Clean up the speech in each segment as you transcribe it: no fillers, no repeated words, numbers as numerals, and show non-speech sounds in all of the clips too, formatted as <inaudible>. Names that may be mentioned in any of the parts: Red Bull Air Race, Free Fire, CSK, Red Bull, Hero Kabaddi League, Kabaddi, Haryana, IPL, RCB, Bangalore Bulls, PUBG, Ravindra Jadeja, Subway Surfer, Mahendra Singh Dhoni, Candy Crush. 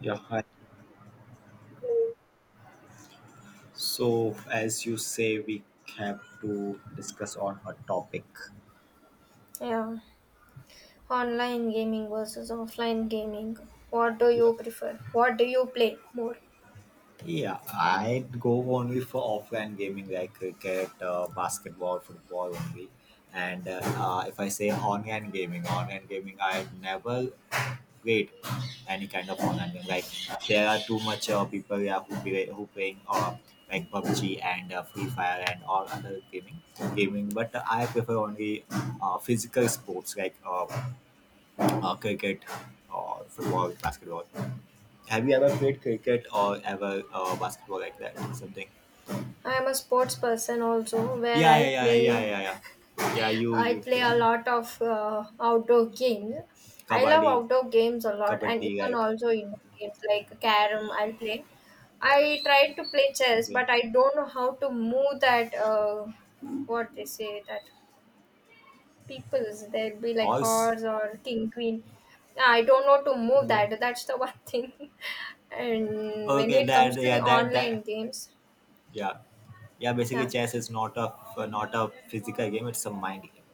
Yeah, hi. So as you say, we have to discuss on a topic. Yeah. Online gaming versus offline gaming. What do Yeah. you prefer? What do you play more? Yeah, I go only for offline gaming like cricket, basketball, football only. And If I say online gaming, I never played any kind of online game. Like there are too much people, yeah, who who playing like PUBG and Free Fire and all other gaming. But I prefer only physical sports like cricket or football, basketball. Have you ever played cricket or ever basketball like that? Something. I am a sports person also where Yeah, yeah, yeah, yeah, yeah, yeah. Yeah, you I you play play a lot of outdoor games. I love kabaddi, outdoor games a lot and kabaddi even like also indoor games like carom I'll play. I tried to play chess, okay. but I don't know how to move that what they say, that peoples there'll be like Horse. horse or king queen. I don't know to move Okay. that.'S the one thing <laughs> and when Okay, it comes that to the yeah, that online that games. yeah, yeah. Basically, Yeah, chess is not a physical game; it's a mind game.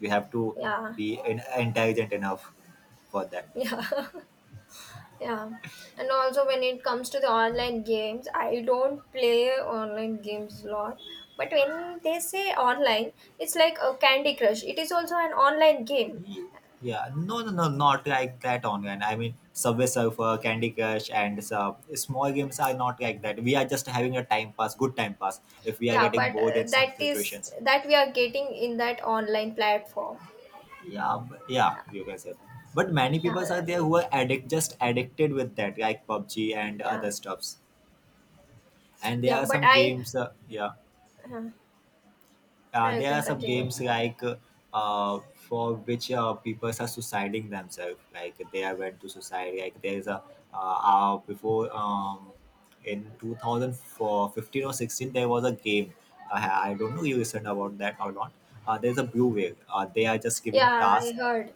You have to yeah, be intelligent enough for that. yeah. <laughs> Yeah. And also when it comes to the online games, I don't play online games a lot, but when they say online, it's like a candy crush, it is also an online game. Ye- Yeah, no, no, no, not like that online. I mean, Subway Surfer, Candy Crush, and some small games are not like that. We are just having a time pass, good time pass. If we are Yeah, getting but bored in some that is situations, that we are getting in that online platform. yeah, yeah, you can say. But many Yeah. people are there who are just addicted with that, like PUBG and Yeah. other stuffs. And there Yeah, are but some I. games, yeah. Uh, uh, you there can are some continue. games like uh, for which people are suiciding themselves, like they are went to suicide. Like there is a before in 2015 or 16 there was a game. I don't know you listened about that or not. There's a blue whale, they are just giving Yeah, I tasks. heard.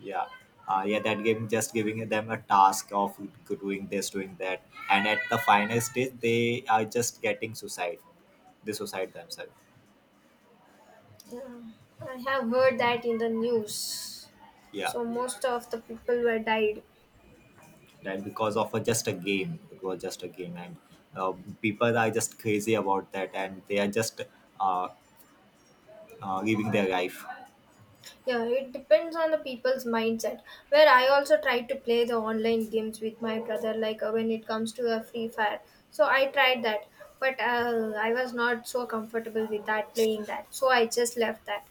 Yeah, yeah, that game just giving them a task of doing this, doing that, and at the final stage they are just getting suicide, they suicide themselves. Yeah, I have heard that in the news. Yeah, So most of the people were died. right, because of a, just a game. It was just a game, and uh, people are just crazy about that, and they are just uh, living their life. Yeah, it depends on the people's mindset. Where I also try to play the online games with my brother, like when it comes to a Free Fire. So I tried that, but I was not so comfortable with that playing that. So I just left that.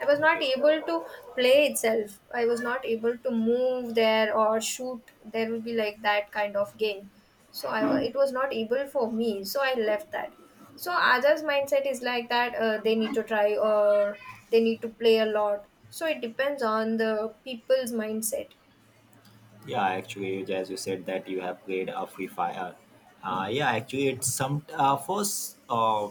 I was not Okay. able to play itself. I was not able to move there or shoot. There will be like that kind of game, so it was not able for me, so I left that. So others mindset is like that, they need to try or they need to play a lot, so it depends on the people's mindset. Yeah, actually, as you said that you have played a Free Fire. Yeah, actually, it's some first.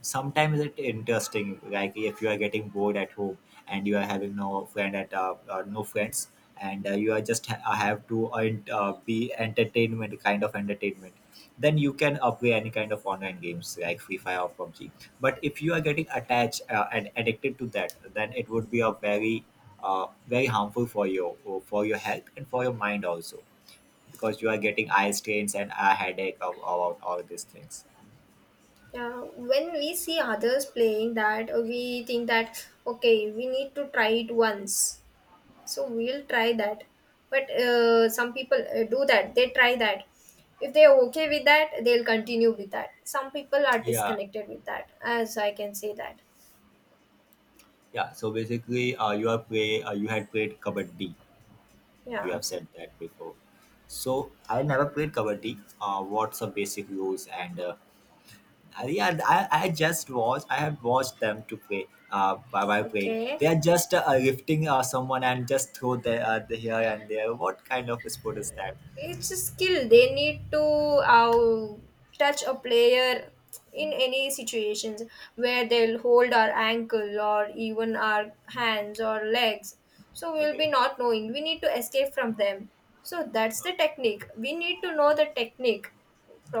Sometimes it's interesting. Like if you are getting bored at home and you are having no friend at no friends, and you are just have to be entertainment, kind of entertainment. Then you can play any kind of online games like Free Fire or PUBG. But if you are getting attached and addicted to that, then it would be a very very harmful for you, for your health and for your mind also, because you are getting eye strains and a headache of, about all these things. Yeah. When we see others playing that, we think that okay, we need to try it once, so we'll try that. But some people do that, they try that. If they're okay with that, they'll continue with that. Some people are Yeah, disconnected with that, as I can say that. yeah. So basically, you had played kabaddi, you Yeah. have said that before. So I never played kabaddi. What's the basic rules and uh? Yeah, I just watched. I have watched them to play, by playing they Okay. are just lifting someone and just throw the here and there. What kind of sport is that? It's a skill. They need to touch a player in any situations, where they'll hold our ankle or even our hands or legs. So we'll be Okay. not knowing. We need to escape from them. So that's the Okay. technique. We need to know the technique,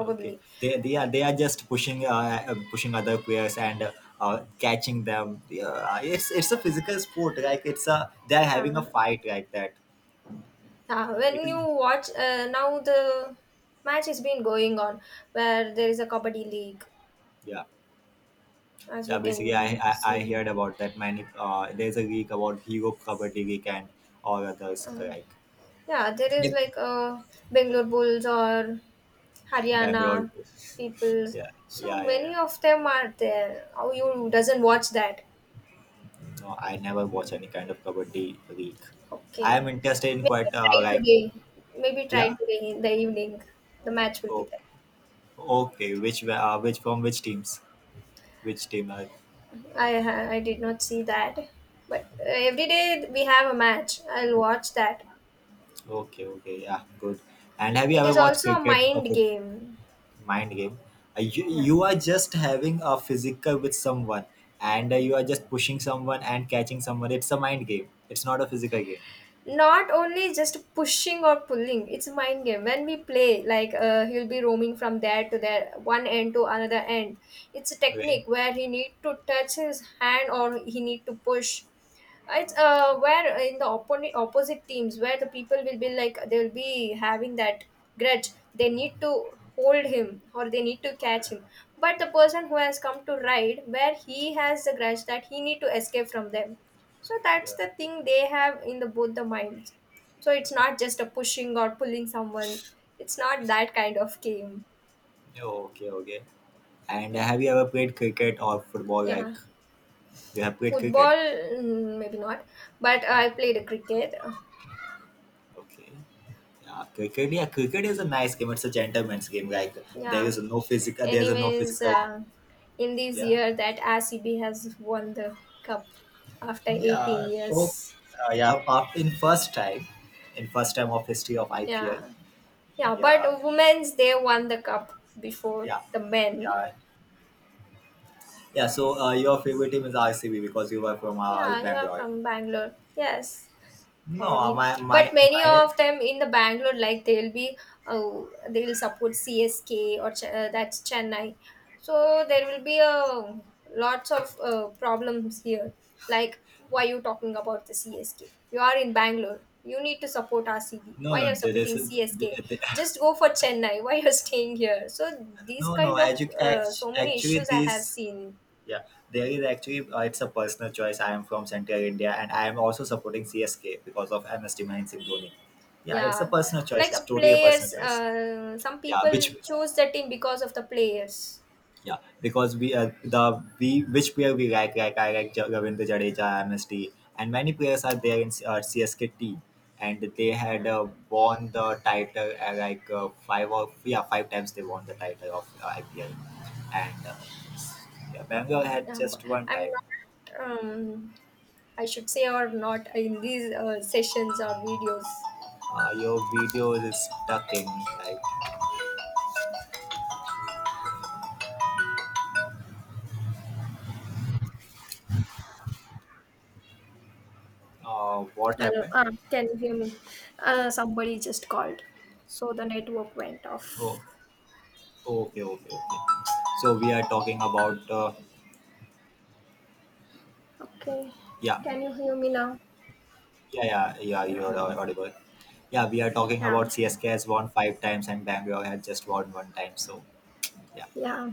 Okay, they are just pushing pushing other players and catching them. Yeah, it's a physical sport. Like it's a, they are having a Yeah. fight like that. Yeah. It When is. you watch, now the match has been going on, where there is a Kabaddi league, Yeah, as yeah. you can Basically, I see. heard about that many. There's a league about Hero Kabaddi League and all others Uh, like Yeah, there is yep. like Bangalore Bulls or Bangalore. Haryana peoples. Yeah, So yeah, yeah, many yeah. of them are there. How you doesn't watch that? No, I never watch any kind of Kabaddi league. I Okay, am interested in maybe quite try like today. Maybe try yeah. today in the evening. The match will be So there. okay, which from which teams? Which team are, I did not see that, but every day we have a match. I'll watch that. okay, okay, yeah, good. And have you It ever is watched also a cricket or mind foot, game. mind game? Yeah. You are just having a physical with someone and you are just pushing someone and catching someone. It's a mind game. It's not a physical game. Not only just pushing or pulling, it's a mind game. When we play, like, he'll be roaming from there to there, one end to another end. It's a Okay. technique where he need to touch his hand or he need to push. It's where in the opponent opposite teams, where the people will be like, they will be having that grudge. They need to hold him or they need to catch him. But the person who has come to ride, where he has the grudge, that he need to escape from them. So that's Yeah. the thing they have in the both the minds. So it's not just a pushing or pulling someone. It's not that kind of game. Okay, okay. And have you ever played cricket or football? Yeah, Like you have played football, cricket? mm, maybe not, but I played a cricket. Okay. Yeah, cricket. Yeah, cricket is a nice game. It's a gentleman's game. Like there Yeah. is no physical. There is no Anyways, physical. In this Yeah. year, that RCB has won the cup after 18 Yeah, so years. Yeah, in first time of history of IPL. Yeah. Yeah, but Yeah, women's they won the cup before yeah, the men. yeah, yeah. So your favorite team is RCB because you were from Yeah, you're Bangalore. from Bangalore. Yes. No, Probably. my But my many mine. of them in the Bangalore, like they'll be, oh, they'll support CSK or that's Chennai. So there will be a lots of problems here, like, why are you talking about the CSK, you are in Bangalore, you need to support RCB, No, why no, you're there is supporting CSK? Just go for Chennai. <laughs> Why you're staying here? So <laughs> these no, no. kind of, Actually, so many actually, issues I have this seen. yeah, there is actually it's a personal choice. I am from Central India, and I am also supporting CSK because of MST Mahin Singh Dhoni. Yeah, it's a Yeah, personal choice. like It's a totally a personal players. choice. Some Yeah, people which, choose the team because of the players. yeah, because we the we which player we I like Ravindra Jadeja, MSD, and many players are there in CSK team, and they had Yeah, won the title like five or yeah five times they won the title of IPL, and yeah, Bangalore had yeah. But just one I'm time. not. Um, I should say or not in these sessions or videos. Your video is stucking, right? What Hello. happened? Ah, can you hear me? Somebody just called. So the network went off. Oh, okay, okay, okay. So we are talking about Okay. yeah, Can you hear me now? yeah, yeah, yeah. Yeah. You're audible. Yeah, we are talking Yeah. about CSK has won five times and Bangalore had just won one time. So yeah, Yeah.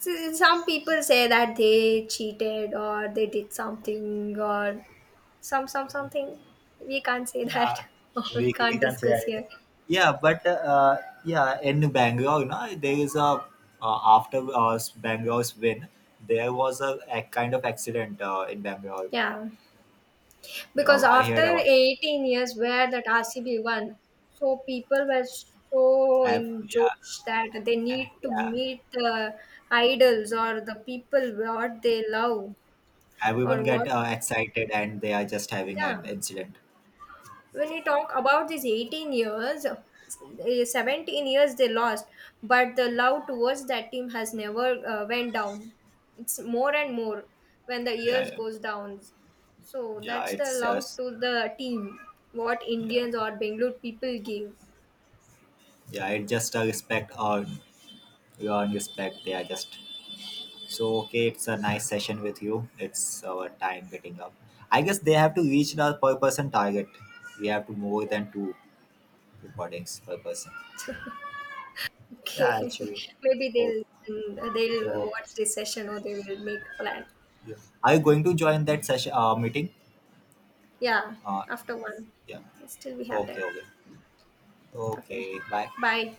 So some people say that they cheated or they did something or some okay. something. We can't say that. Yeah, <laughs> Or we we can't can say discuss anything. here. Yeah, but yeah, in Bangalore, you know, there is a after Bangalore's win, there was a kind of accident in Bangalore. Yeah, You because know, I after heard about. 18 years, where that RCB won, so people were, so in Yeah, jokes, that they need to yeah. meet the idols or the people what they love Everyone or get what. Excited and they are just having Yeah, an incident. when we talk about these 18 years, eh, 17 years they lost, but the love towards that team has never went down. It's more and more when the Yeah, years yeah, goes down. So yeah. that's the It's love just to the team what yeah, Indians or Bengaluru people give. yeah. It's just a respect. You earn respect. They are just, so okay. It's a nice session with you. It's our time getting up. I guess they have to reach the per person target. We have to more than two recordings per person. Okay. Yeah, actually. <laughs> Maybe Oh, they'll, mm, they'll oh, watch this session or they will make a plan. yeah. Are you going to join that session meeting? Yeah, Uh, after one, yeah. still we have time. Okay, okay, Okay, okay. Bye. bye.